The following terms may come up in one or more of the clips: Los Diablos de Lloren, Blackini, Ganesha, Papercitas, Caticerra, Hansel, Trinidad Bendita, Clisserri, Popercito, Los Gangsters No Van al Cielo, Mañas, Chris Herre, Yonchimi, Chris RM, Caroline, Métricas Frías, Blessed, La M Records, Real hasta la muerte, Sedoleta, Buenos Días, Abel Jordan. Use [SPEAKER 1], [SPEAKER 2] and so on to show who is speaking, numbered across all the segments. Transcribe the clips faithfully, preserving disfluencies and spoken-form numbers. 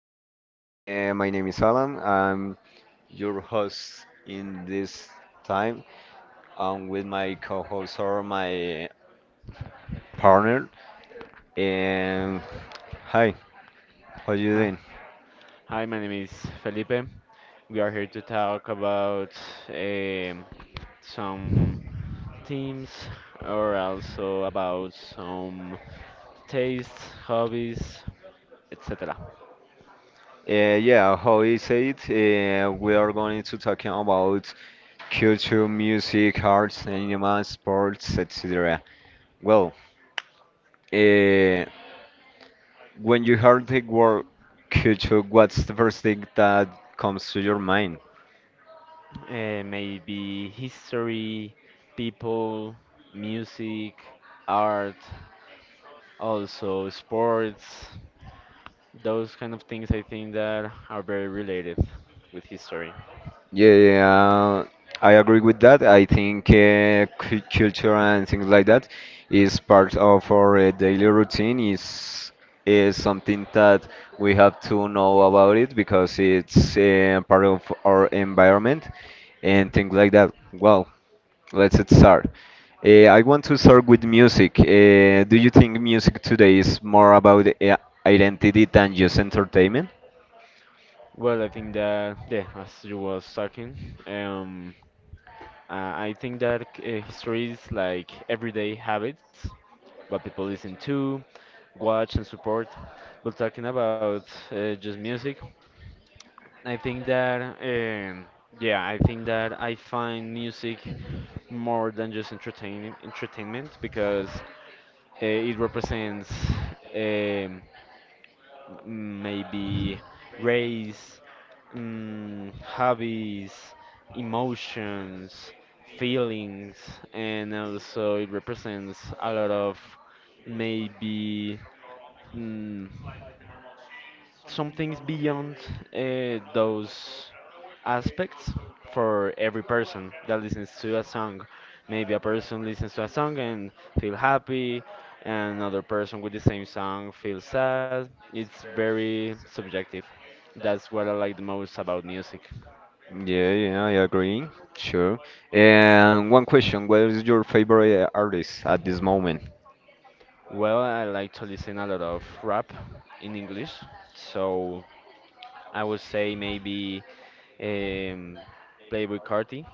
[SPEAKER 1] everybody. Uh, my name is Alan. I'm your host in this time. I'm with my co-host or my partner. And hi, how you
[SPEAKER 2] Hi,
[SPEAKER 1] doing?
[SPEAKER 2] hi, my name is Felipe. We are here to talk about um, some teams or also about some tastes, hobbies, et cetera.
[SPEAKER 1] Uh, yeah, how is it? Uh, we are going to talking about culture, music, arts, cinema, sports, et cetera. Well, uh, when you heard the word culture, what's the first thing that comes to your mind?
[SPEAKER 2] Uh, maybe history, people, music, art, also sports. Those kind of things I think that are very related with history.
[SPEAKER 1] Yeah, yeah, yeah, I agree with that. I think uh, cu- culture and things like that is part of our uh, daily routine. is is something that we have to know about it because it's uh, part of our environment and things like that. Well, let's start. Uh, I want to start with music. Uh, do you think music today is more about uh, identity than just entertainment?
[SPEAKER 2] Well, I think that yeah, as you was talking, um, Uh, I think that uh, history is like everyday habits, what people listen to, watch, and support. But talking about uh, just music, I think that um, yeah, I think that I find music more than just entertain entertainment because uh, it represents. Um, m- Maybe race, mm, hobbies, emotions, feelings, and also it represents a lot of maybe mm, some things beyond uh, those aspects for every person that listens to a song. Maybe a person listens to a song and feel happy, and another person with the same song feels sad. It's very subjective. That's what I like the most about music.
[SPEAKER 1] Yeah, yeah, I agree. Sure. And one question, what is your favorite uh, artist at this moment?
[SPEAKER 2] Well, I like to listen a lot of rap in English, so I would say maybe um, Playboi Carti.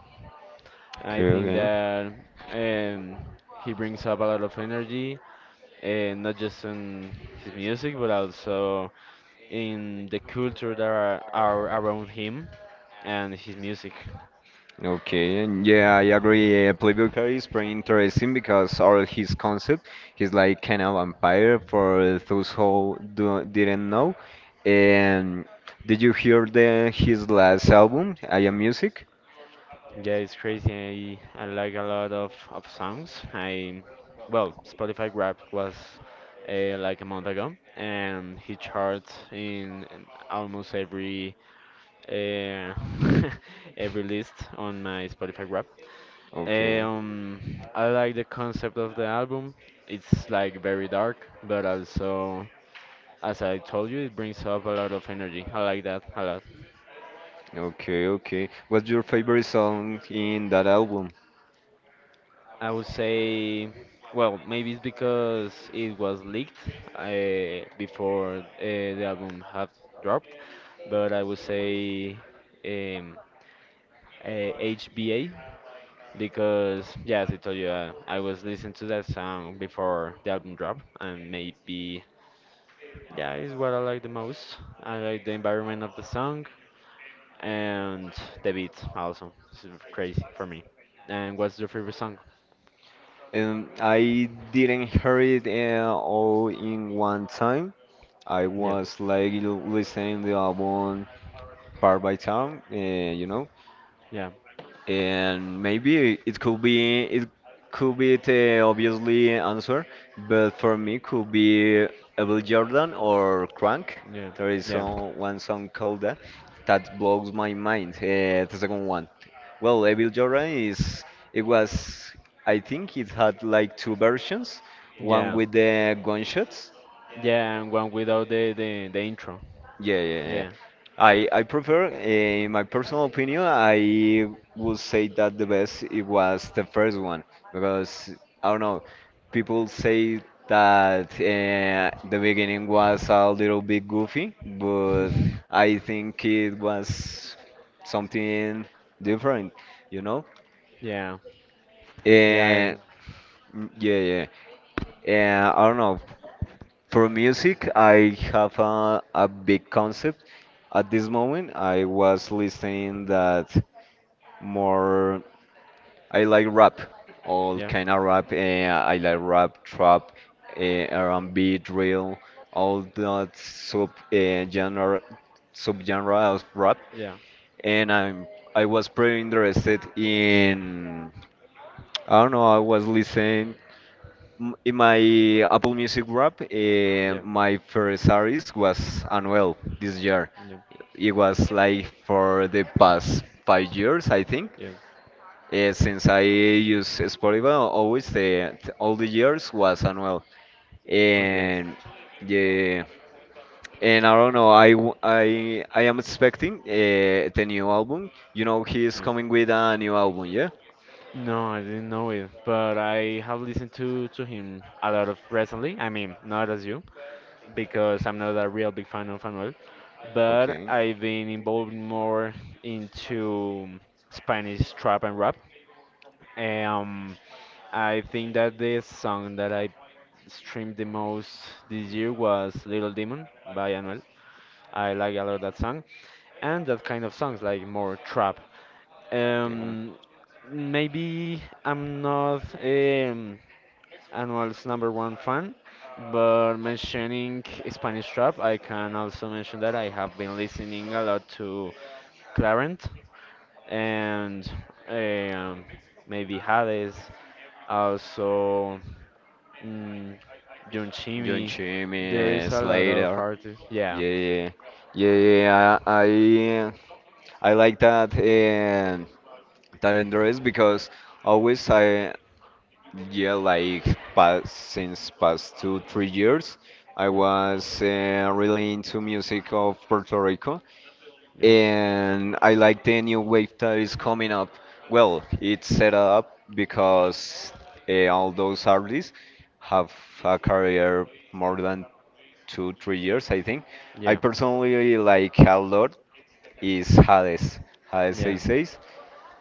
[SPEAKER 2] I
[SPEAKER 1] Okay,
[SPEAKER 2] think
[SPEAKER 1] okay.
[SPEAKER 2] that um, he brings up a lot of energy, and not just in his music, but also in the culture that are, are around him and his music.
[SPEAKER 1] Okay, and yeah, I agree. Uh, Playboy Carti is pretty interesting because all his concept, he's like kind of vampire for those who do, didn't know. And did you hear the his last album, I Am Music?
[SPEAKER 2] Yeah, it's crazy. I, I like a lot of, of songs. I well, Spotify Wrapped was uh, like a month ago, and he charts in, in almost every uh, every list on my Spotify Wrapped.
[SPEAKER 1] Okay,
[SPEAKER 2] Um, I like the concept of the album. It's like very dark, but also, as I told you, it brings up a lot of energy. I like that a lot.
[SPEAKER 1] okay, okay. What's your favorite song in that album?
[SPEAKER 2] I would say, well, maybe it's because it was leaked uh, before uh, the album had dropped, but I would say um, uh, H B A because, yeah, as I told you, uh, I was listening to that song before the album dropped, and maybe, yeah, it's what I like the most. I like the environment of the song and the beat also. It's sort crazy for me. And what's your favorite song?
[SPEAKER 1] Um, I didn't hear it uh, all in one time. I
[SPEAKER 2] Yeah,
[SPEAKER 1] was like l- listening the album part by time, uh, you know,
[SPEAKER 2] yeah,
[SPEAKER 1] and maybe it could be it could be the obviously answer, but for me could be Abel Jordan or Crank.
[SPEAKER 2] yeah,
[SPEAKER 1] There is
[SPEAKER 2] yeah,
[SPEAKER 1] some, one song called that that blows my mind. Uh, the second one. Well, Abel Jordan is it was I think it had like two versions, one
[SPEAKER 2] yeah,
[SPEAKER 1] with the gunshots.
[SPEAKER 2] yeah. And one without the the, the intro.
[SPEAKER 1] Yeah, yeah, yeah.
[SPEAKER 2] Yeah,
[SPEAKER 1] I I prefer, in my personal opinion, I would say that the best it was the first one because I don't know, people say that uh, the beginning was a little bit goofy, but I think it was something different, you know?
[SPEAKER 2] yeah, yeah,
[SPEAKER 1] And
[SPEAKER 2] and-
[SPEAKER 1] yeah, yeah. And I don't know. For music, I have a, a big concept. At this moment, I was listening that. More I like rap, all
[SPEAKER 2] yeah,
[SPEAKER 1] kind of rap. eh, I like rap, trap, uh, R and B, drill, all that sub uh, genre, subgenre of rap.
[SPEAKER 2] yeah,
[SPEAKER 1] And I'm I was pretty interested in I don't know. I was listening m- in my Apple Music rap. Uh,
[SPEAKER 2] yeah,
[SPEAKER 1] my first artist was Anuel this year.
[SPEAKER 2] yeah,
[SPEAKER 1] It was like for the past five years, I think.
[SPEAKER 2] yeah.
[SPEAKER 1] Uh, since I use Spotify, well, always the all the years was annual,
[SPEAKER 2] Okay.
[SPEAKER 1] and yeah, and I don't know, I w- I I am expecting uh, the new album, you know, he is
[SPEAKER 2] Yes.
[SPEAKER 1] coming with a new album, yeah.
[SPEAKER 2] No, I didn't know it, but I have listened to to him a lot of recently. I mean, not as you, because I'm not a real big fan of Anuel, but
[SPEAKER 1] Okay,
[SPEAKER 2] I've been involved more into Spanish trap and rap. Um, I think that the song that I streamed the most this year was Little Demon by Anuel. I like a lot that song and that kind of songs like more trap.
[SPEAKER 1] okay. Mhm.
[SPEAKER 2] Um, Maybe I'm not um, Anuel's number one fan, but mentioning Spanish trap, I can also mention that I have been listening a lot to Clarent and um, maybe Hades, also mm, John
[SPEAKER 1] John
[SPEAKER 2] Chimmy. There is
[SPEAKER 1] Chimmy
[SPEAKER 2] a lot of
[SPEAKER 1] Slater.
[SPEAKER 2] artists.
[SPEAKER 1] Yeah,
[SPEAKER 2] Yeah,
[SPEAKER 1] yeah, yeah, yeah, I I, I like that, and that interest because always I, yeah, like past, since past two, three years, I
[SPEAKER 2] yeah,
[SPEAKER 1] was uh, really into music of Puerto Rico,
[SPEAKER 2] yeah,
[SPEAKER 1] and I like the new wave that is coming up. Well, it's set up because uh, all those artists have a career more than two, three years, I think. I
[SPEAKER 2] yeah,
[SPEAKER 1] personally like a lot is Hades, Hades
[SPEAKER 2] yeah,
[SPEAKER 1] sixty-six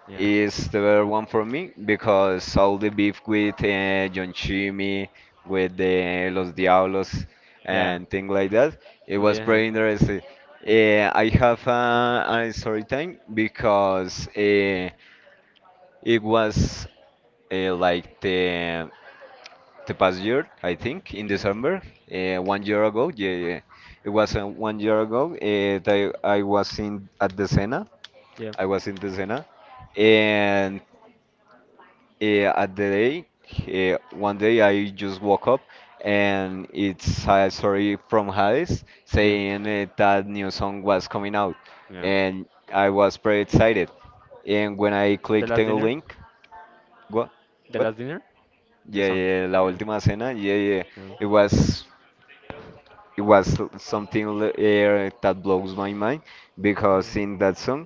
[SPEAKER 2] yeah,
[SPEAKER 1] is the better one for me because all the beef with uh, John Chimmy, with the Los Diablos,
[SPEAKER 2] yeah.
[SPEAKER 1] and things like that, it was
[SPEAKER 2] Yeah.
[SPEAKER 1] pretty interesting. Uh, I have a, a story time because uh, it was uh, like the the past year, I think, in
[SPEAKER 2] Mm,
[SPEAKER 1] December, uh, one year ago. Yeah, yeah, it was uh, one year ago uh, that I, I was in at the Sena.
[SPEAKER 2] yeah.
[SPEAKER 1] I was in the Sena, and uh, at the day, uh, one day I just woke up and it's a story from Hades
[SPEAKER 2] Yeah.
[SPEAKER 1] saying uh, that new song was coming out,
[SPEAKER 2] Yeah.
[SPEAKER 1] and I was pretty excited. And when I
[SPEAKER 2] The
[SPEAKER 1] clicked
[SPEAKER 2] last
[SPEAKER 1] the
[SPEAKER 2] dinner?
[SPEAKER 1] link, what,
[SPEAKER 2] The
[SPEAKER 1] what?
[SPEAKER 2] last dinner?
[SPEAKER 1] Yeah,
[SPEAKER 2] The song.
[SPEAKER 1] yeah, La
[SPEAKER 2] Yeah.
[SPEAKER 1] Última Cena. Yeah, yeah.
[SPEAKER 2] Yeah.
[SPEAKER 1] It was it was something l- eh, that blows my mind
[SPEAKER 2] Yeah.
[SPEAKER 1] because in that song,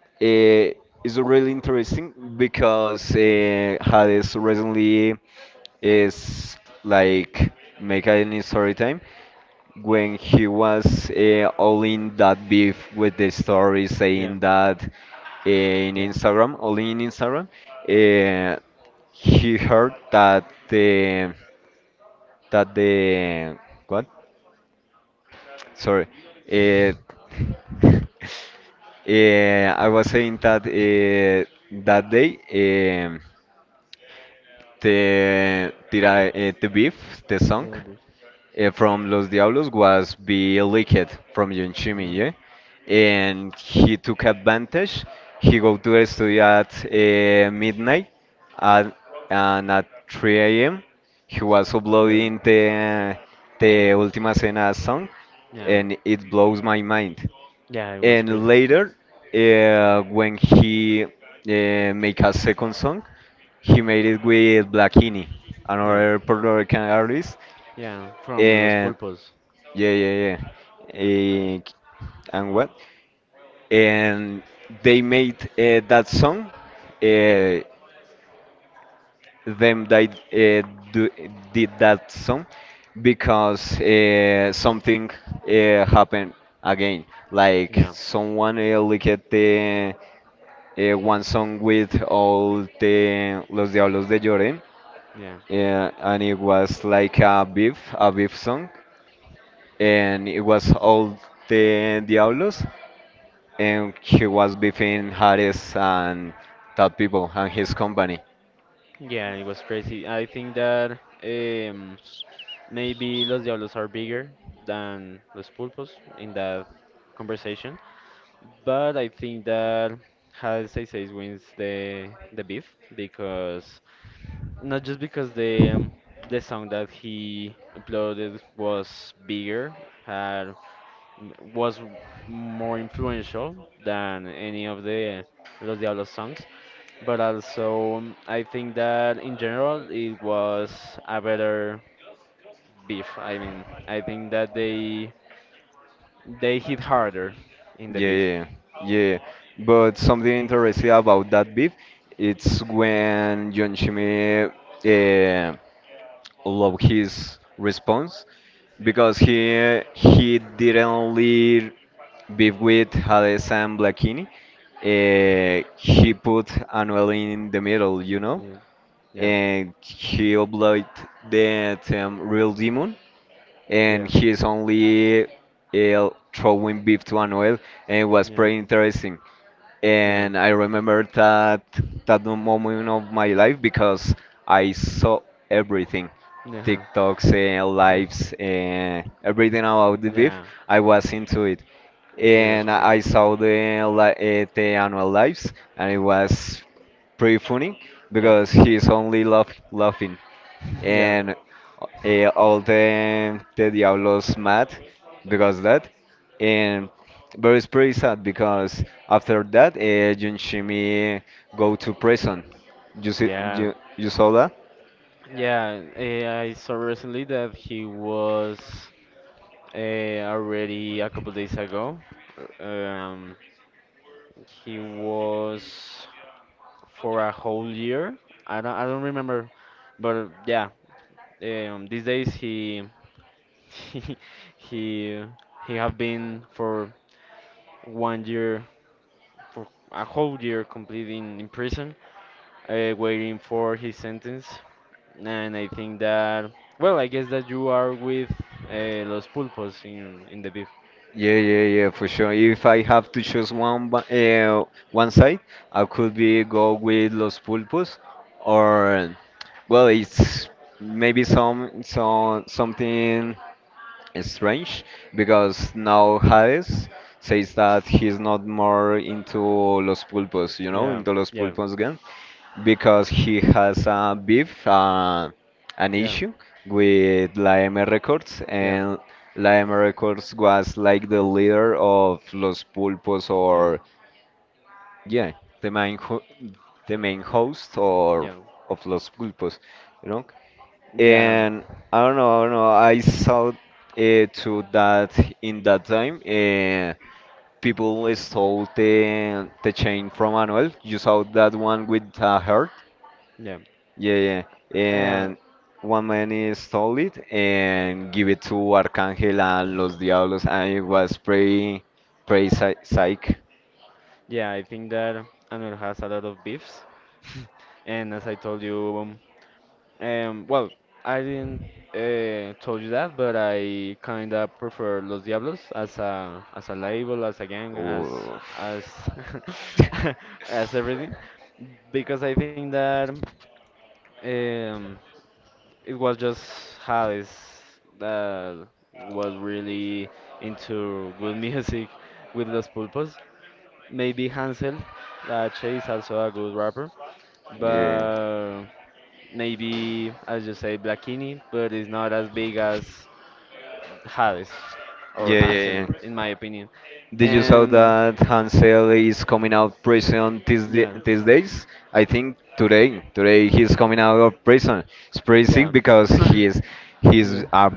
[SPEAKER 1] uh, it's really interesting because uh, Hades recently is like make any story time when he was uh, all in that beef with the story
[SPEAKER 2] Yeah.
[SPEAKER 1] saying that uh, in
[SPEAKER 2] Yeah.
[SPEAKER 1] Instagram, only in Instagram, uh, he heard that the that the what? Sorry, uh, uh, I was saying that uh, that day um the the, uh, the beef the song,
[SPEAKER 2] Yeah. b-
[SPEAKER 1] uh, from Los Diablos was be leaked from Yonchimi,
[SPEAKER 2] Yeah.
[SPEAKER 1] yeah? And he took advantage. He go to the studio at uh, midnight, at, and at three a m he was
[SPEAKER 2] Yeah.
[SPEAKER 1] uploading the the Ultima Cena song,
[SPEAKER 2] Yeah.
[SPEAKER 1] and it blows my mind.
[SPEAKER 2] Yeah, it was
[SPEAKER 1] And
[SPEAKER 2] crazy.
[SPEAKER 1] later, uh, when he uh, make a second song, he made it with Blackini,
[SPEAKER 2] Yeah.
[SPEAKER 1] another Puerto Rican artist,
[SPEAKER 2] Yeah. From Los
[SPEAKER 1] and
[SPEAKER 2] Pulpos.
[SPEAKER 1] yeah, yeah, yeah. Eh, and what? And they made uh, that song. Uh, them that uh, do, did that song because uh, something uh, happened again. Like
[SPEAKER 2] Yeah.
[SPEAKER 1] someone uh, leaked the uh, one song with all the Los Diablos de Lloren,
[SPEAKER 2] Yeah.
[SPEAKER 1] uh, and it was like a beef, a beef song, and it was all the Diablos, and he was beefing Harris and that people and his company.
[SPEAKER 2] Yeah, it was crazy. I think that um, maybe Los Diablos are bigger than Los Pulpos in that conversation. But I think that Hades Says wins the the beef because not just because the um, the song that he uploaded was bigger, had m- was more influential than any of the Los Diablos songs, but also um, I think that in general it was a better beef. I mean, I think that they they hit harder in the
[SPEAKER 1] Yeah,
[SPEAKER 2] beef.
[SPEAKER 1] yeah, yeah. But something interesting about that beef, it's when John Chimmy uh, loved his response because he he didn't leave beef with Hades and Blackini. Uh, he put Anuel in the middle, you know,
[SPEAKER 2] Yeah, yeah,
[SPEAKER 1] and he obliged the term real demon, and
[SPEAKER 2] yeah,
[SPEAKER 1] he is only uh, throwing beef to an oil, and it was
[SPEAKER 2] yeah.
[SPEAKER 1] pretty interesting.
[SPEAKER 2] Yeah.
[SPEAKER 1] And I remember that that moment of my life because I saw everything.
[SPEAKER 2] Yeah.
[SPEAKER 1] TikToks and
[SPEAKER 2] Yeah.
[SPEAKER 1] lives and everything about the beef,
[SPEAKER 2] Yeah.
[SPEAKER 1] I was into it,
[SPEAKER 2] It
[SPEAKER 1] and
[SPEAKER 2] was
[SPEAKER 1] I I
[SPEAKER 2] crazy.
[SPEAKER 1] saw the li- eh, the annual lives, and it was pretty funny
[SPEAKER 2] Yeah.
[SPEAKER 1] because he's only laugh, laughing,
[SPEAKER 2] Yeah.
[SPEAKER 1] and uh, all the the Diablos mad because that, and but it's pretty sad because after that, uh, Junshimi go to prison. You see,
[SPEAKER 2] Yeah.
[SPEAKER 1] you, you saw that?
[SPEAKER 2] Yeah. eh, I saw recently that he was uh, already a couple days ago. Um, he was for a whole year. I don't. I don't remember. But yeah. Eh, Um, these days he he he he have been for one year for a whole year completely in, in prison uh, waiting for his sentence. And I think that, well, I guess that you are with uh, Los Pulpos in in the beef.
[SPEAKER 1] Yeah, yeah, yeah, for sure. If I have to choose one, ba- uh, one side, I could be go with Los Pulpos, or well, it's maybe some, some something strange because now Hades says that he's not more into Los Pulpos, you know,
[SPEAKER 2] Yeah,
[SPEAKER 1] into Los
[SPEAKER 2] yeah,
[SPEAKER 1] Pulpos again, because he has a beef, uh, an
[SPEAKER 2] yeah,
[SPEAKER 1] issue with La M Records,
[SPEAKER 2] yeah,
[SPEAKER 1] and La M Records was like the leader of Los Pulpos,
[SPEAKER 2] yeah,
[SPEAKER 1] or yeah, the main ho- the main host or
[SPEAKER 2] yeah,
[SPEAKER 1] of Los Pulpos, you know.
[SPEAKER 2] yeah,
[SPEAKER 1] And I don't know, I don't know. I saw uh, to that in that time, uh, people stole the the chain from Manuel. You saw that one with a heart,
[SPEAKER 2] yeah.
[SPEAKER 1] yeah, yeah.
[SPEAKER 2] Uh,
[SPEAKER 1] And one man eh, stole it and give it to Arcángel and Los Diablos. I was pretty, pretty psych.
[SPEAKER 2] yeah, I think that Anur has a lot of beefs. And as I told you. Um, well, I didn't uh, told you that, but I kind of prefer Los Diablos as a as a label, as a gang, as
[SPEAKER 1] Oof.
[SPEAKER 2] as as everything, because I think that um, it was just Hades that was really into good music with Los Pulpos. Maybe Hansel, that Chase also a good rapper,
[SPEAKER 1] Yeah,
[SPEAKER 2] but maybe, as you say, Blackini, but it's not as big as Hades or
[SPEAKER 1] yeah, yeah,
[SPEAKER 2] Hansel,
[SPEAKER 1] yeah.
[SPEAKER 2] in my opinion.
[SPEAKER 1] Did you saw
[SPEAKER 2] Um,
[SPEAKER 1] that Hansel is coming out of prison these, da-
[SPEAKER 2] yeah,
[SPEAKER 1] these days? I think today, today he's coming out of prison. It's pretty sick
[SPEAKER 2] yeah,
[SPEAKER 1] because he is he's
[SPEAKER 2] yeah,
[SPEAKER 1] a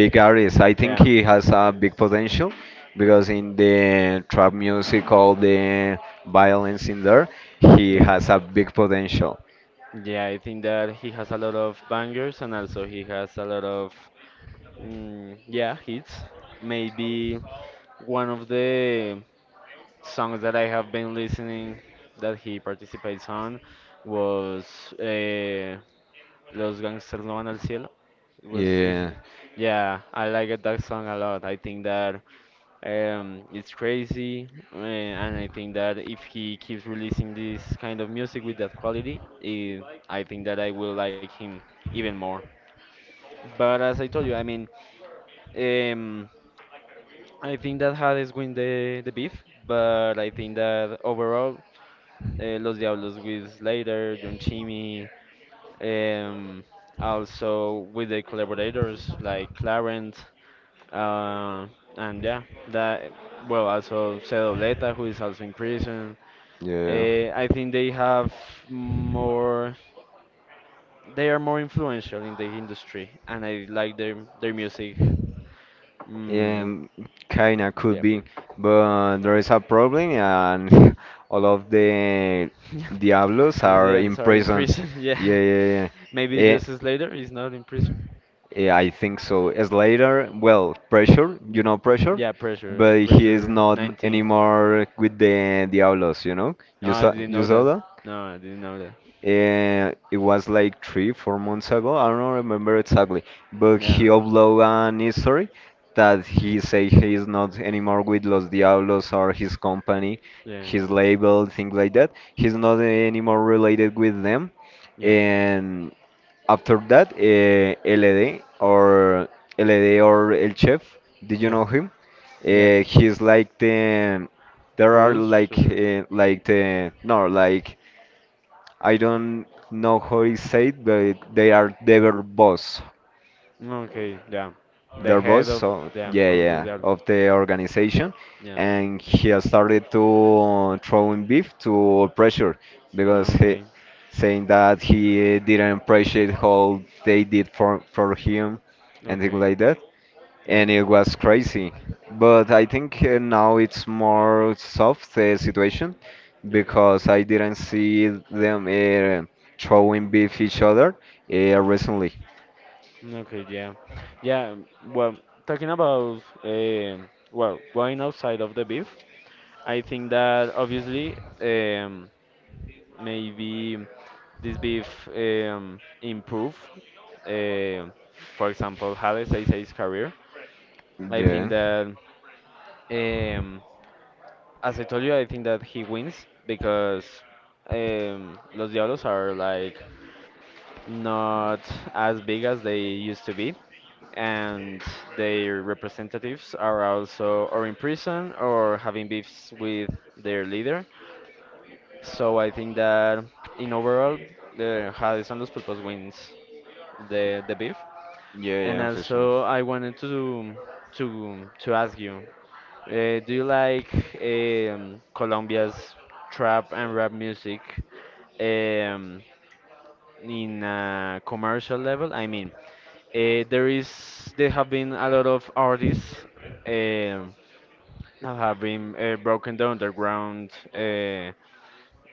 [SPEAKER 1] big artist. I think
[SPEAKER 2] yeah,
[SPEAKER 1] he has a big potential because in the trap music, all the violence in there, he
[SPEAKER 2] yeah,
[SPEAKER 1] has a big potential.
[SPEAKER 2] yeah. I think that he has a lot of bangers and also he has a lot of, mm, yeah, hits. Maybe one of the songs that I have been listening that he participates on was uh, Los Gangsters No Van al Cielo. Was is
[SPEAKER 1] Yeah,
[SPEAKER 2] Yeah, I like it, that song a lot. I think that um it's crazy uh, and I think that if he keeps releasing this kind of music with that quality, eh, I think that I will like him even more. But as I told you, I mean, um I think that Hades win the the beef, but I think that overall uh, Los Diablos with Slater, John Chimmy, um, also with the collaborators like Clarence, uh, and yeah, that well, also Sedoleta, who is also in prison.
[SPEAKER 1] yeah.
[SPEAKER 2] Uh, I think they have more, they are more influential in the industry, and I like their their music. Mm,
[SPEAKER 1] Um, kinda
[SPEAKER 2] yeah,
[SPEAKER 1] could
[SPEAKER 2] yeah.
[SPEAKER 1] be, but there is a problem, and all of the Diablos
[SPEAKER 2] I know they
[SPEAKER 1] are in
[SPEAKER 2] also are in
[SPEAKER 1] prison.
[SPEAKER 2] prison. Yeah,
[SPEAKER 1] Yeah, yeah, yeah.
[SPEAKER 2] maybe
[SPEAKER 1] Eh,
[SPEAKER 2] Justice Slater is not in prison.
[SPEAKER 1] eh, I think so. Slater, well, pressure, you know pressure,
[SPEAKER 2] Yeah, pressure,
[SPEAKER 1] but he is
[SPEAKER 2] pressure
[SPEAKER 1] not
[SPEAKER 2] nineteen.
[SPEAKER 1] anymore with the Diablos, you know?
[SPEAKER 2] Oh,
[SPEAKER 1] You
[SPEAKER 2] I
[SPEAKER 1] saw,
[SPEAKER 2] didn't
[SPEAKER 1] you
[SPEAKER 2] know that.
[SPEAKER 1] saw
[SPEAKER 2] No, I didn't know that.
[SPEAKER 1] uh, it was like three, four months ago. I don't remember exactly, but he
[SPEAKER 2] Yeah,
[SPEAKER 1] uploaded an history that he say he is not anymore with Los Diablos or his company,
[SPEAKER 2] yeah,
[SPEAKER 1] his label, things like that. He's not anymore related with them.
[SPEAKER 2] yeah,
[SPEAKER 1] And after that, uh, L D or L D or El Chef, did
[SPEAKER 2] yeah,
[SPEAKER 1] you know him?
[SPEAKER 2] yeah.
[SPEAKER 1] Uh,
[SPEAKER 2] The
[SPEAKER 1] he's like the there are like
[SPEAKER 2] producer.
[SPEAKER 1] uh, like the no like I don't know how it's said, but they are their boss,
[SPEAKER 2] No, okay, yeah. The
[SPEAKER 1] their boss.
[SPEAKER 2] head of,
[SPEAKER 1] So
[SPEAKER 2] yeah,
[SPEAKER 1] yeah,
[SPEAKER 2] of
[SPEAKER 1] yeah,
[SPEAKER 2] the album.
[SPEAKER 1] of the organization,
[SPEAKER 2] Yeah.
[SPEAKER 1] and he has started to throwing beef to pressure because
[SPEAKER 2] No,
[SPEAKER 1] he
[SPEAKER 2] okay.
[SPEAKER 1] saying that he didn't appreciate how they did for for him and things
[SPEAKER 2] Okay.
[SPEAKER 1] like that,
[SPEAKER 2] Yeah.
[SPEAKER 1] and it was crazy. But I think uh, now it's more soft uh, situation
[SPEAKER 2] Yeah,
[SPEAKER 1] because I didn't see them uh, throwing beef each other uh, recently.
[SPEAKER 2] yeah. Okay. Yeah. Yeah. Well, talking about um well, going outside of the beef, I think that obviously um maybe this beef um, improve, uh, for example, Hades Sei's career. I think
[SPEAKER 1] Yeah,
[SPEAKER 2] that, um, as I told you, I think that he wins because um, Los Diablos are like not as big as they used to be, and their representatives are also or in prison or having beefs with their leader. So I think that in overall, the Hades and Los Pulpos wins the the beef.
[SPEAKER 1] yeah,
[SPEAKER 2] And
[SPEAKER 1] yeah, for sure.
[SPEAKER 2] also, I wanted to to to ask you, uh, do you like um, Colombia's trap and rap music um, in a commercial level? I mean, uh, there is there have been a lot of artists um that have been uh, broken the underground Uh,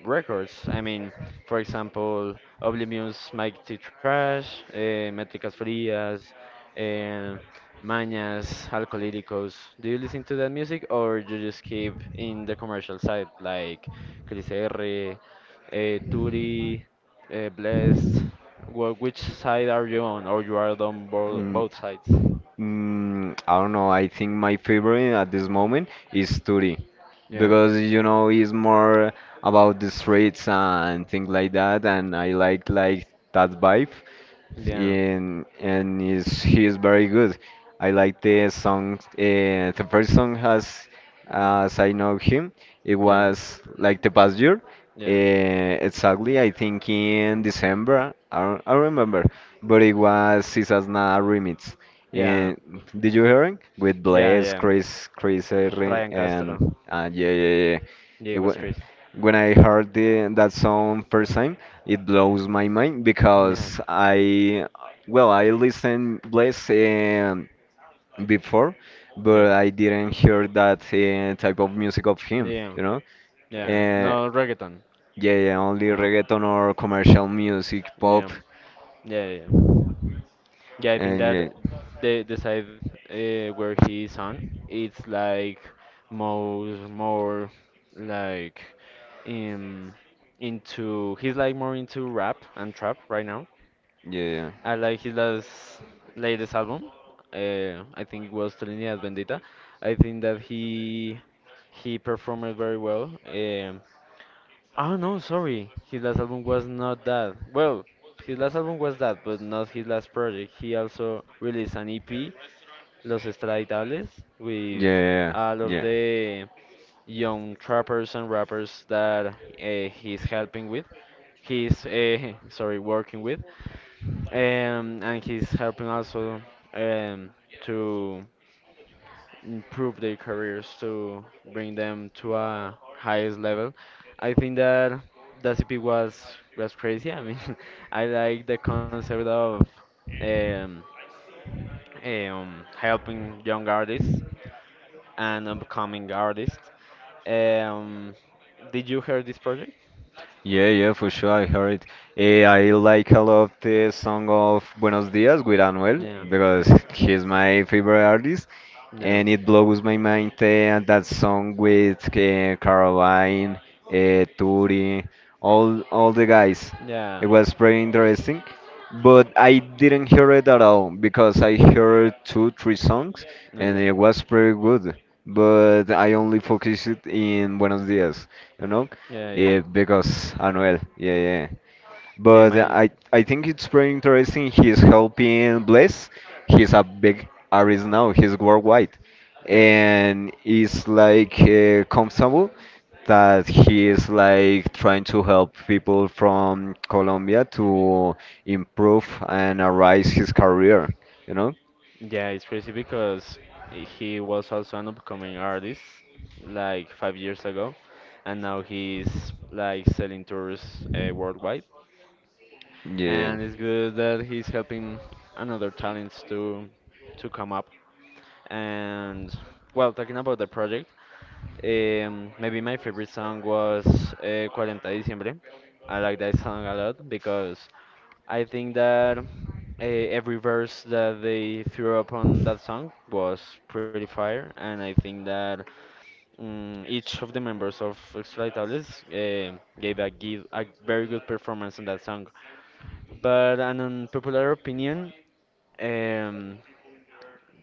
[SPEAKER 2] records. I mean, for example, Oblivion's Mighty Trash, eh, Métricas Frías, eh, Mañas, Alcolíricos. Do you listen to that music or you just keep in the commercial side like Chris R, eh, Turi, eh, Blessed? Wh- which side are you on or you are on bo
[SPEAKER 1] Mm,
[SPEAKER 2] both sides?
[SPEAKER 1] mm, I don't know. I think my favorite at this moment is Turi
[SPEAKER 2] Yeah,
[SPEAKER 1] because you know it's more about the streets and things like that, and I like like that vibe.
[SPEAKER 2] yeah,
[SPEAKER 1] In and is he is very good. I like the song. Uh, the first song has,
[SPEAKER 2] mm,
[SPEAKER 1] as I know him, it
[SPEAKER 2] yeah,
[SPEAKER 1] was like the past year.
[SPEAKER 2] yeah,
[SPEAKER 1] Uh, exactly, I think in December. I don't, I don't remember, but it
[SPEAKER 2] mm,
[SPEAKER 1] was Sisas Na remix.
[SPEAKER 2] yeah,
[SPEAKER 1] And did you hear it with
[SPEAKER 2] yeah,
[SPEAKER 1] Blaze,
[SPEAKER 2] yeah.
[SPEAKER 1] Chris, Chris Herre,
[SPEAKER 2] Ryan Castro.
[SPEAKER 1] and uh, yeah, yeah, yeah, yeah.
[SPEAKER 2] Yeah, it
[SPEAKER 1] It wa
[SPEAKER 2] was crazy.
[SPEAKER 1] When I heard the, that song first time, it blows my mind
[SPEAKER 2] Yeah,
[SPEAKER 1] because I, well, I listen Blaze before,
[SPEAKER 2] yeah,
[SPEAKER 1] but I didn't hear that uh, type of music of him,
[SPEAKER 2] yeah,
[SPEAKER 1] you know?
[SPEAKER 2] yeah.
[SPEAKER 1] Uh,
[SPEAKER 2] No reggaeton.
[SPEAKER 1] yeah, yeah, only
[SPEAKER 2] Yeah,
[SPEAKER 1] reggaeton or commercial music,
[SPEAKER 2] yeah,
[SPEAKER 1] pop,
[SPEAKER 2] yeah, yeah. Yeah, I think
[SPEAKER 1] and yeah,
[SPEAKER 2] that the the side uh, where he is on, it's like more more like in into he's like more into rap and trap right now.
[SPEAKER 1] yeah, yeah,
[SPEAKER 2] I like his last latest album. Uh, I think it was Trinidad Bendita. I think that he he performed very well. Um, Oh no, sorry. His last album was not that. Well, his last album was that, but not his last project. He also released an E P, Los Extraditables, with
[SPEAKER 1] yeah,
[SPEAKER 2] all of
[SPEAKER 1] yeah, yeah.
[SPEAKER 2] the young trappers and rappers that uh, he's helping with. He's uh, sorry, working with, um, and he's helping also um, to improve their careers to bring them to a highest level. I think that the C P was was crazy. I mean, I like the concept of um, um, helping young artists and upcoming artists. Um, did you hear this project?
[SPEAKER 1] Yeah, yeah, for sure. I heard it. Uh, I like a lot the song of Buenos Dias with Anuel
[SPEAKER 2] Yeah,
[SPEAKER 1] because
[SPEAKER 2] yeah,
[SPEAKER 1] he's my favorite artist,
[SPEAKER 2] yeah,
[SPEAKER 1] and it blows my mind uh, that song with uh, Caroline, uh, Turi, all all the guys.
[SPEAKER 2] yeah.
[SPEAKER 1] It was pretty interesting, but I didn't hear it at all because I heard two, three songs, and
[SPEAKER 2] Okay,
[SPEAKER 1] it was pretty good. But I only focused in Buenos Dias, you know,
[SPEAKER 2] yeah, yeah,
[SPEAKER 1] yeah, because Anuel, yeah, yeah.
[SPEAKER 2] yeah.
[SPEAKER 1] But
[SPEAKER 2] My
[SPEAKER 1] I I think it's pretty interesting. He's helping Bless. He's a big artist now. He's worldwide,
[SPEAKER 2] Yeah.
[SPEAKER 1] and it's like uh, comfortable that he is like trying to help people from Colombia to improve and arise his career. You know?
[SPEAKER 2] Yeah, it's crazy because he was also an upcoming artist like five years ago, and now he's like selling tours uh, worldwide. And
[SPEAKER 1] Yeah.
[SPEAKER 2] it's good that he's helping another talents to to come up. And well, talking about the project, um, maybe my favorite song was uh, forty de Diciembre. I like that song a lot because I think that uh, every verse that they threw up on that song was pretty fire, and I think that mm each of the members of Extraitables uh, gave a give a very good performance on that song. But an unpopular opinion, um,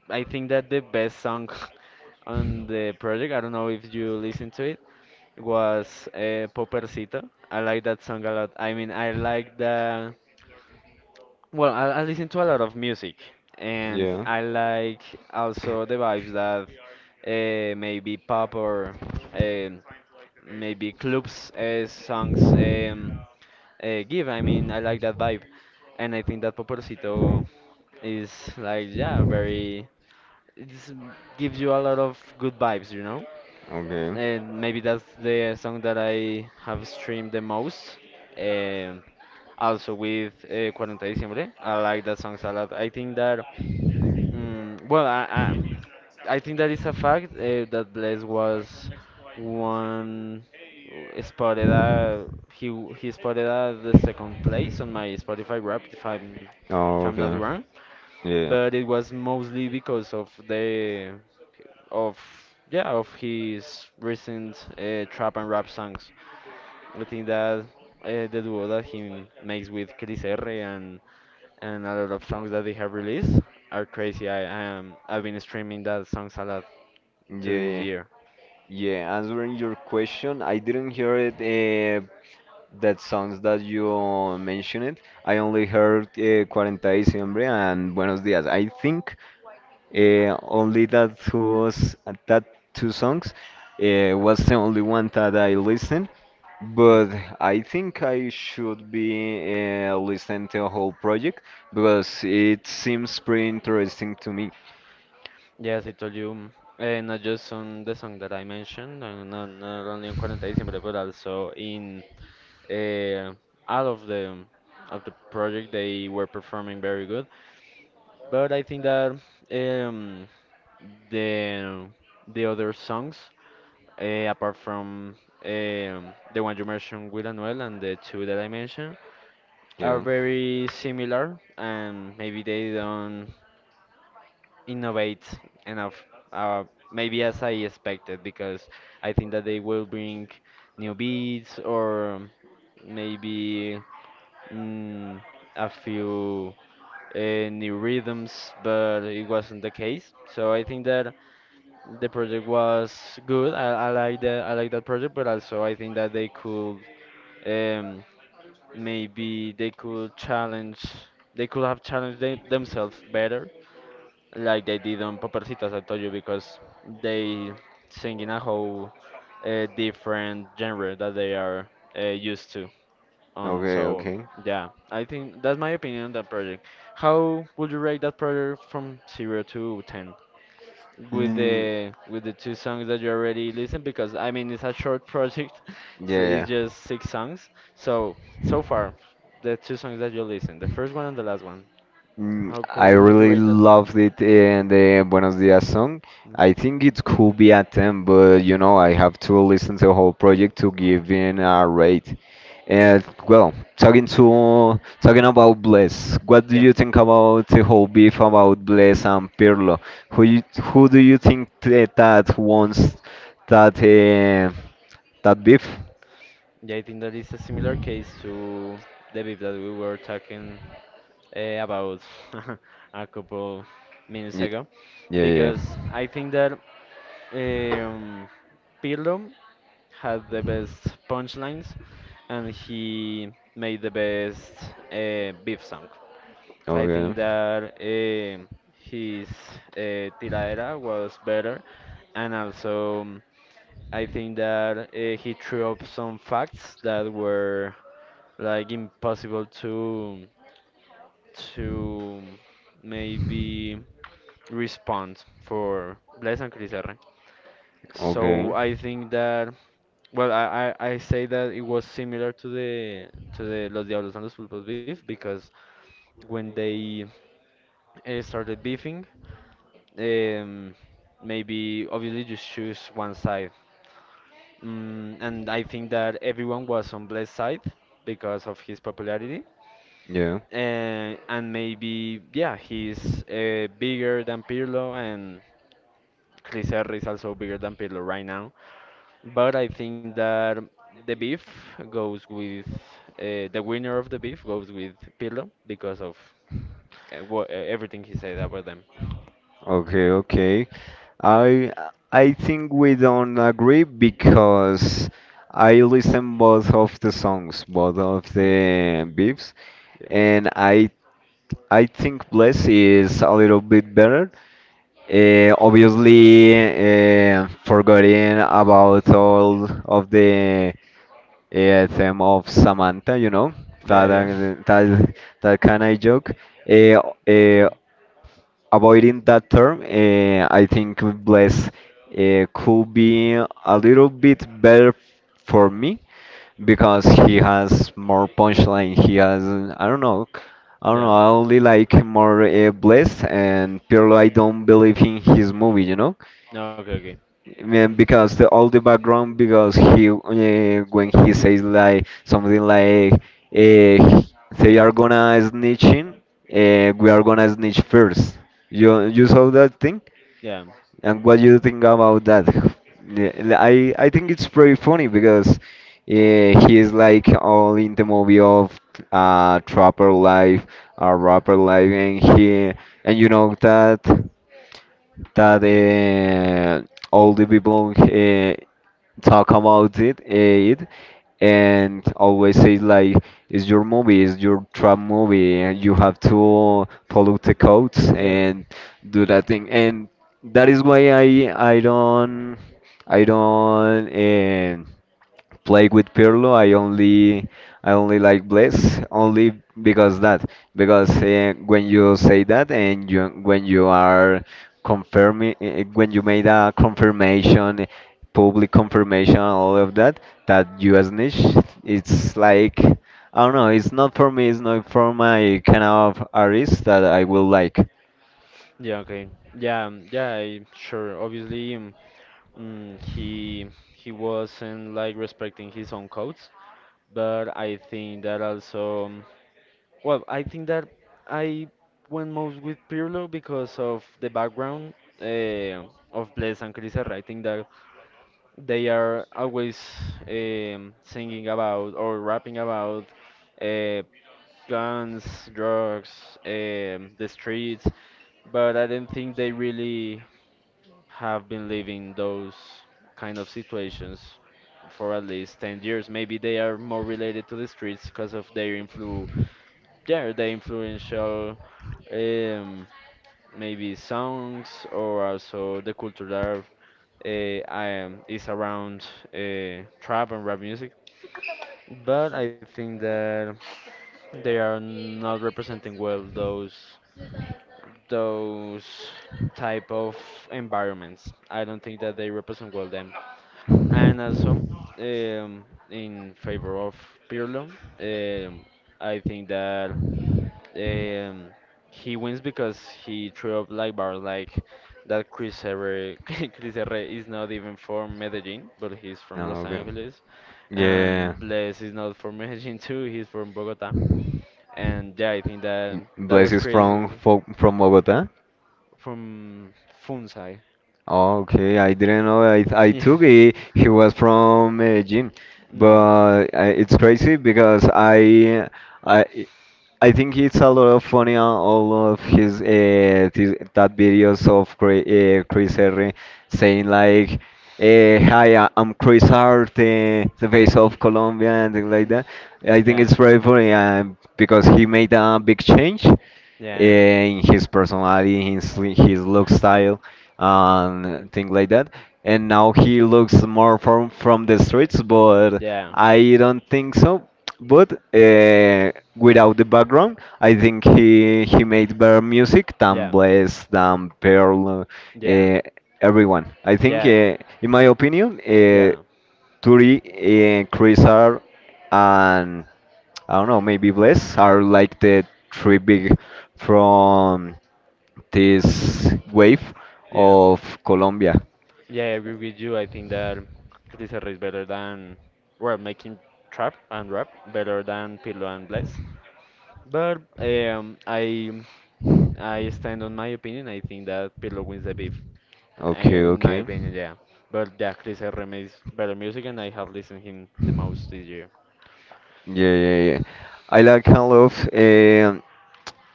[SPEAKER 2] I think that the best song on the project, I don't know if you listen to it, was uh, Popercito. I like that song a lot. I mean, I like the Well, I, I listen to a lot of music, and
[SPEAKER 1] Yeah.
[SPEAKER 2] I like also the vibes that uh, maybe pop or um maybe clubs uh, songs um, uh, give. I mean, I like that vibe, and I think that Poporcito is like yeah, very. It gives you a lot of good vibes, you know
[SPEAKER 1] Okay.
[SPEAKER 2] and maybe that's the song that I have streamed the most. Um, Also with uh, forty de Diciembre, I like that song a lot. I think that, mm well, I, I, I think that is a fact uh, that Blaise was one uh, spotted uh, he w- he spotted at the second place on my Spotify rap if I'm if I'm
[SPEAKER 1] Oh,
[SPEAKER 2] not
[SPEAKER 1] okay.
[SPEAKER 2] wrong,
[SPEAKER 1] Yeah.
[SPEAKER 2] but it was mostly because of the of yeah of his recent uh, trap and rap songs. I think that uh, the duo that he makes with Chris R and and a lot of songs that they have released are crazy. I I am I've been streaming that songs a lot to
[SPEAKER 1] Yeah,
[SPEAKER 2] this
[SPEAKER 1] yeah.
[SPEAKER 2] year.
[SPEAKER 1] Yeah, answering your question, I didn't hear it uh, that songs that you uh, mentioned, I only heard uh, forty de Diciembre and Buenos Días. I think uh, only that was that two songs uh, was the only one that I listened.
[SPEAKER 2] Yeah.
[SPEAKER 1] But I think I should be uh, listening to the whole project because it seems pretty interesting to me.
[SPEAKER 2] Yes, I told you, uh, not just on the song that I mentioned, and not, not only on forty December, but also in uh, out of the of the project they were performing very good, but I think that um, the the other songs uh, apart from um, the one you mentioned with Anuel and the two that I mentioned are
[SPEAKER 1] Yeah.
[SPEAKER 2] very similar and maybe they don't innovate enough, uh, maybe as I expected because I think that they will bring new beats or maybe mm, a few uh, new rhythms, but it wasn't the case. So I think that the project was good. I, I like that. I like that project, but also I think that they could um, maybe they could challenge. They could have challenged them, themselves better, like they did on Papercitas, I told you, because they sing in a whole uh, different genre that they are uh, used to on.
[SPEAKER 1] Okay.
[SPEAKER 2] So
[SPEAKER 1] Okay.
[SPEAKER 2] yeah, I think that's my opinion on that project. How would you rate that project from zero to ten? With
[SPEAKER 1] Mm,
[SPEAKER 2] the with the two songs that you already listened, because I mean it's a short project,
[SPEAKER 1] yeah.
[SPEAKER 2] so
[SPEAKER 1] Yeah.
[SPEAKER 2] it's just six songs. So so far, the two songs that you listened, the first one and the last one,
[SPEAKER 1] Mm,
[SPEAKER 2] how
[SPEAKER 1] I
[SPEAKER 2] cool would you
[SPEAKER 1] really
[SPEAKER 2] rate that one?
[SPEAKER 1] loved it in the Buenos Dias song.
[SPEAKER 2] Mm,
[SPEAKER 1] I think it could be a ten, but you know, I have to listen to the whole project to give in a rate.
[SPEAKER 2] yeah,
[SPEAKER 1] And well, talking to talking about Bless, what do
[SPEAKER 2] yeah,
[SPEAKER 1] you think about the whole beef about Bless and Pirlo? Who you, who do you think th- that wants that uh, that beef?
[SPEAKER 2] yeah. I think that is a similar case to the beef that we were talking uh, about a couple minutes
[SPEAKER 1] Y-
[SPEAKER 2] ago
[SPEAKER 1] yeah, yeah.
[SPEAKER 2] because I think that um, Pirlo had the best punchlines and he made the best uh, beef song. I think
[SPEAKER 1] Okay,
[SPEAKER 2] that um his uh, tiradera was better, and also um, I think that uh, he threw up some facts that were like impossible to to maybe respond for Bless and Chris R. So
[SPEAKER 1] okay,
[SPEAKER 2] I think that, well I, I, I say that it was similar to the to the Los Diablos and Los Pulpos beef because when they uh, started beefing, um maybe obviously just choose one side. Mm, and I think that everyone was on Bless's side because of his popularity,
[SPEAKER 1] yeah.
[SPEAKER 2] and and maybe yeah, he's uh, bigger than Pirlo, and Clisserri is also bigger than Pirlo right now. But I think that the beef goes with uh, the winner of the beef goes with Pirlo because of uh, what, uh, everything he said about them.
[SPEAKER 1] Okay, okay. I I think we don't agree because I listen both of the songs, both of
[SPEAKER 2] Yeah,
[SPEAKER 1] the beefs,
[SPEAKER 2] yeah,
[SPEAKER 1] and I I think Bless is a little bit better. Uh, obviously, uh, forgetting about all of the uh, theme of Samantha, you know,
[SPEAKER 2] yeah,
[SPEAKER 1] that
[SPEAKER 2] yeah.
[SPEAKER 1] that that kind of joke. Uh,
[SPEAKER 2] It's
[SPEAKER 1] uh,
[SPEAKER 2] true.
[SPEAKER 1] avoiding that term, uh, I think Bless uh, could be a little bit better for me
[SPEAKER 2] Yeah,
[SPEAKER 1] because he has more punchline. He has I don't know, I don't
[SPEAKER 2] yeah.
[SPEAKER 1] know. I only like more uh, Bless and Pirlo. I don't believe in his movie, you know.
[SPEAKER 2] No. Okay, okay.
[SPEAKER 1] Man, because the all the background, because he uh, when he says like something like uh, they are gonna snitching, uh, we are gonna snitch first. You you
[SPEAKER 2] No,
[SPEAKER 1] saw that thing,
[SPEAKER 2] yeah.
[SPEAKER 1] and what you think about that? Yeah, I I think it's pretty funny because uh, he is like all in the movie of uh trapper life, a rapper life, and he and you know that that uh, all the people uh, talk about it, eh, it and always say like it's your movie, it's your trap movie, and you have to follow the codes
[SPEAKER 2] Yeah.
[SPEAKER 1] and do that thing. And that is why i i don't i don't um, played with Pirlo. I only I only like Bless only because that because
[SPEAKER 2] Okay.
[SPEAKER 1] uh, when you say that and you when you are confirming uh, when you made a confirmation, public confirmation, all of that that you a snitch, it's like I don't know. It's not for me. It's not for my kind of artist that I will like.
[SPEAKER 2] Yeah. Okay. Yeah. um, Yeah. I, sure. Obviously, um, mm, he he wasn't like respecting his own codes, but I think that also. um, Well, I think that I went most with Pirlo because of the background uh, of Bless and Chris Herrera. I think that they are always um, singing about or rapping about uh, guns, drugs, um, the streets. But I don't think they really have been living those kind of situations for at least ten years. Maybe they are more related to the streets because of their influ yeah, their influential um, maybe songs or also the culture that uh, I am, is around uh, trap and rap music. But I think that they are not representing well those those type of environments. I don't think that they represent well them. And also, um, in favor of Pirlo, um, I think that um, he wins because he threw up like bars like that Chris Herre, Chris Herre is not even from Medellin, but he's from
[SPEAKER 1] No.
[SPEAKER 2] Los
[SPEAKER 1] Okay.
[SPEAKER 2] Angeles.
[SPEAKER 1] Yeah.
[SPEAKER 2] And Blaise is not from Medellin too, he's from Bogota. And yeah, I think that that
[SPEAKER 1] Blaze
[SPEAKER 2] was
[SPEAKER 1] is from
[SPEAKER 2] crazy
[SPEAKER 1] fo- from Bogota.
[SPEAKER 2] from Funsai.
[SPEAKER 1] Okay, I didn't know. I I
[SPEAKER 2] Yeah.
[SPEAKER 1] took it. He was from uh, gym,
[SPEAKER 2] No.
[SPEAKER 1] but uh, it's crazy because I I I think it's a lot of funny on all of his uh, th that videos of Chri- uh, Chris Herring saying like, uh, "Hi, I- I'm Chris Hart, the the face of Colombia," and things like
[SPEAKER 2] Mm.
[SPEAKER 1] that. I think
[SPEAKER 2] Yeah.
[SPEAKER 1] it's very funny uh, because he made a big change
[SPEAKER 2] Yeah.
[SPEAKER 1] eh, in his personality, his his look style, and things like that. And now he looks more from from the streets, but
[SPEAKER 2] Yeah.
[SPEAKER 1] I don't think so. But uh, without the background, I think he he made better music
[SPEAKER 2] Yeah.
[SPEAKER 1] than
[SPEAKER 2] Yeah.
[SPEAKER 1] Blaze, than Pearl,
[SPEAKER 2] Yeah.
[SPEAKER 1] uh, everyone. I think, uh, in my opinion. Uh,
[SPEAKER 2] Yeah.
[SPEAKER 1] Turi and Chris are, and I don't know, maybe Bless are like the three big from this wave
[SPEAKER 2] Yeah.
[SPEAKER 1] of Colombia.
[SPEAKER 2] Yeah, I agree with you. I think that Caticerra is better than, well, making trap and rap better than Pirlo and Bless. But um, I I stand on my opinion. I think that Pirlo wins the beef.
[SPEAKER 1] Okay,
[SPEAKER 2] In my
[SPEAKER 1] okay.
[SPEAKER 2] opinion, yeah. But yeah, Chris R M is better music, and I have listened him the most this year.
[SPEAKER 1] Yeah, yeah, yeah. I like a lot, of, um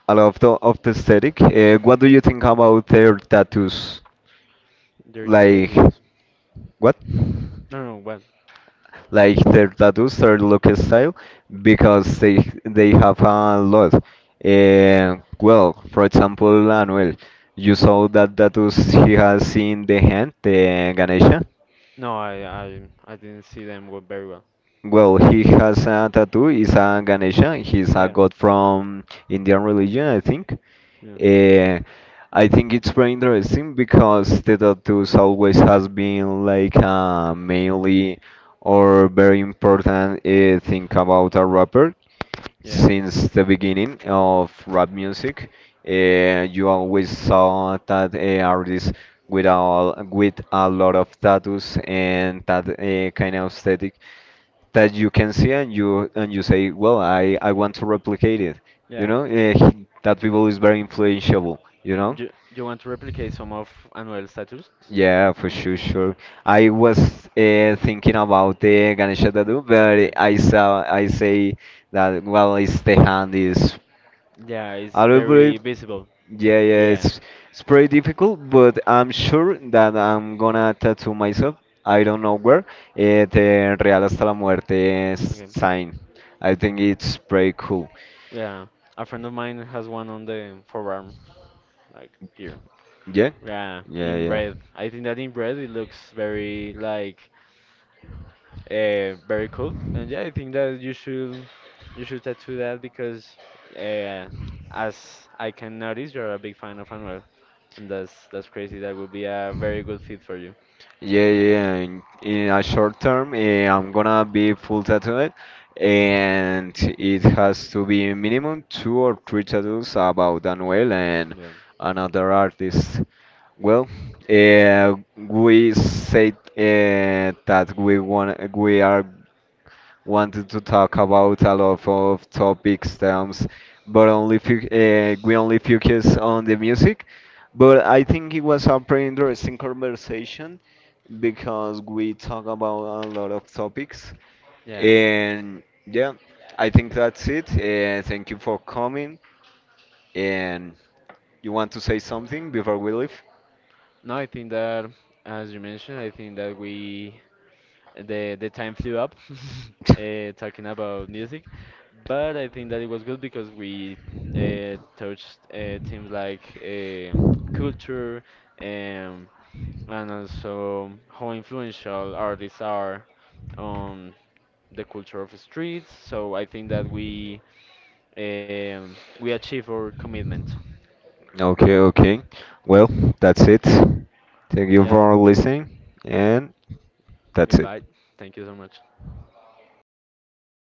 [SPEAKER 1] a lot of the, of the aesthetic. Uh, what do you think about their tattoos?
[SPEAKER 2] Their tail
[SPEAKER 1] Like,
[SPEAKER 2] is
[SPEAKER 1] what?
[SPEAKER 2] no, no, well,
[SPEAKER 1] Like their tattoos, their look style, because they they have a lot. Eh, well, for example, Anuel, you saw that tattoos he has in the hand, the Ganesha.
[SPEAKER 2] no, I, I, I didn't see them go very well.
[SPEAKER 1] Well, he has a tattoo. It's a Ganesha. He's a
[SPEAKER 2] Yeah,
[SPEAKER 1] god from Indian religion, I think.
[SPEAKER 2] yeah,
[SPEAKER 1] Uh, I think it's very interesting because the tattoos always has been like a mainly or very important uh, thing about a rapper
[SPEAKER 2] yeah,
[SPEAKER 1] since the beginning of rap music. Uh, you always saw that uh, artists with all with a lot of tattoos and that uh, kind of aesthetic that you can see and you and you say, well, I I want to replicate it. You
[SPEAKER 2] yeah.
[SPEAKER 1] know, Eh, he- that people is very influential. You know.
[SPEAKER 2] Do, do you want to replicate some of Anuel's status?
[SPEAKER 1] Yeah, for sure, sure. I was uh, thinking about the Ganesha tattoo,
[SPEAKER 2] Yeah.
[SPEAKER 1] but I saw I say that well, it's the hand is
[SPEAKER 2] Yeah, it's
[SPEAKER 1] a little bit.
[SPEAKER 2] very visible.
[SPEAKER 1] Yeah, yeah,
[SPEAKER 2] Yeah.
[SPEAKER 1] it's it's pretty difficult, but I'm sure that I'm gonna tattoo myself. I don't know where. It uh, Real hasta la muerte s-
[SPEAKER 2] Okay.
[SPEAKER 1] sign. I think
[SPEAKER 2] Yeah.
[SPEAKER 1] it's pretty cool.
[SPEAKER 2] Yeah. A friend of mine has one on the forearm, like here.
[SPEAKER 1] Yeah,
[SPEAKER 2] Yeah,
[SPEAKER 1] yeah,
[SPEAKER 2] in
[SPEAKER 1] yeah.
[SPEAKER 2] red. I think that in red it looks very like uh very cool. And yeah, I think that you should you should tattoo that because uh as I can notice you're a big fan of Anuel. And that's that's crazy. That would be a very good fit for you.
[SPEAKER 1] Yeah, yeah. In, in a short term, eh, I'm gonna be full tattooed,
[SPEAKER 2] Mm,
[SPEAKER 1] and it has to be minimum two or three tattoos about Anuel and
[SPEAKER 2] yeah.
[SPEAKER 1] another artist. Well, uh, we said uh, that we want we are wanted to talk about a lot of topics terms, but only few, uh, we only focus on the music. But I think it was a pretty interesting conversation because we talk about a lot of topics.
[SPEAKER 2] Yeah.
[SPEAKER 1] And yeah, I think that's it. Uh, thank you for coming. And you want to say something before we leave?
[SPEAKER 2] No, I think that, as you mentioned, I think that we the the time flew up uh, talking about music, but I think that it was good because we uh, touched uh, themes like um culture, um, and also how influential artists are on the culture of streets. So I think that we um, we achieve our commitment.
[SPEAKER 1] Okay, okay. Well, that's it. Thank you
[SPEAKER 2] Yeah,
[SPEAKER 1] for listening, and that's it.
[SPEAKER 2] goodbye. Thank you so much.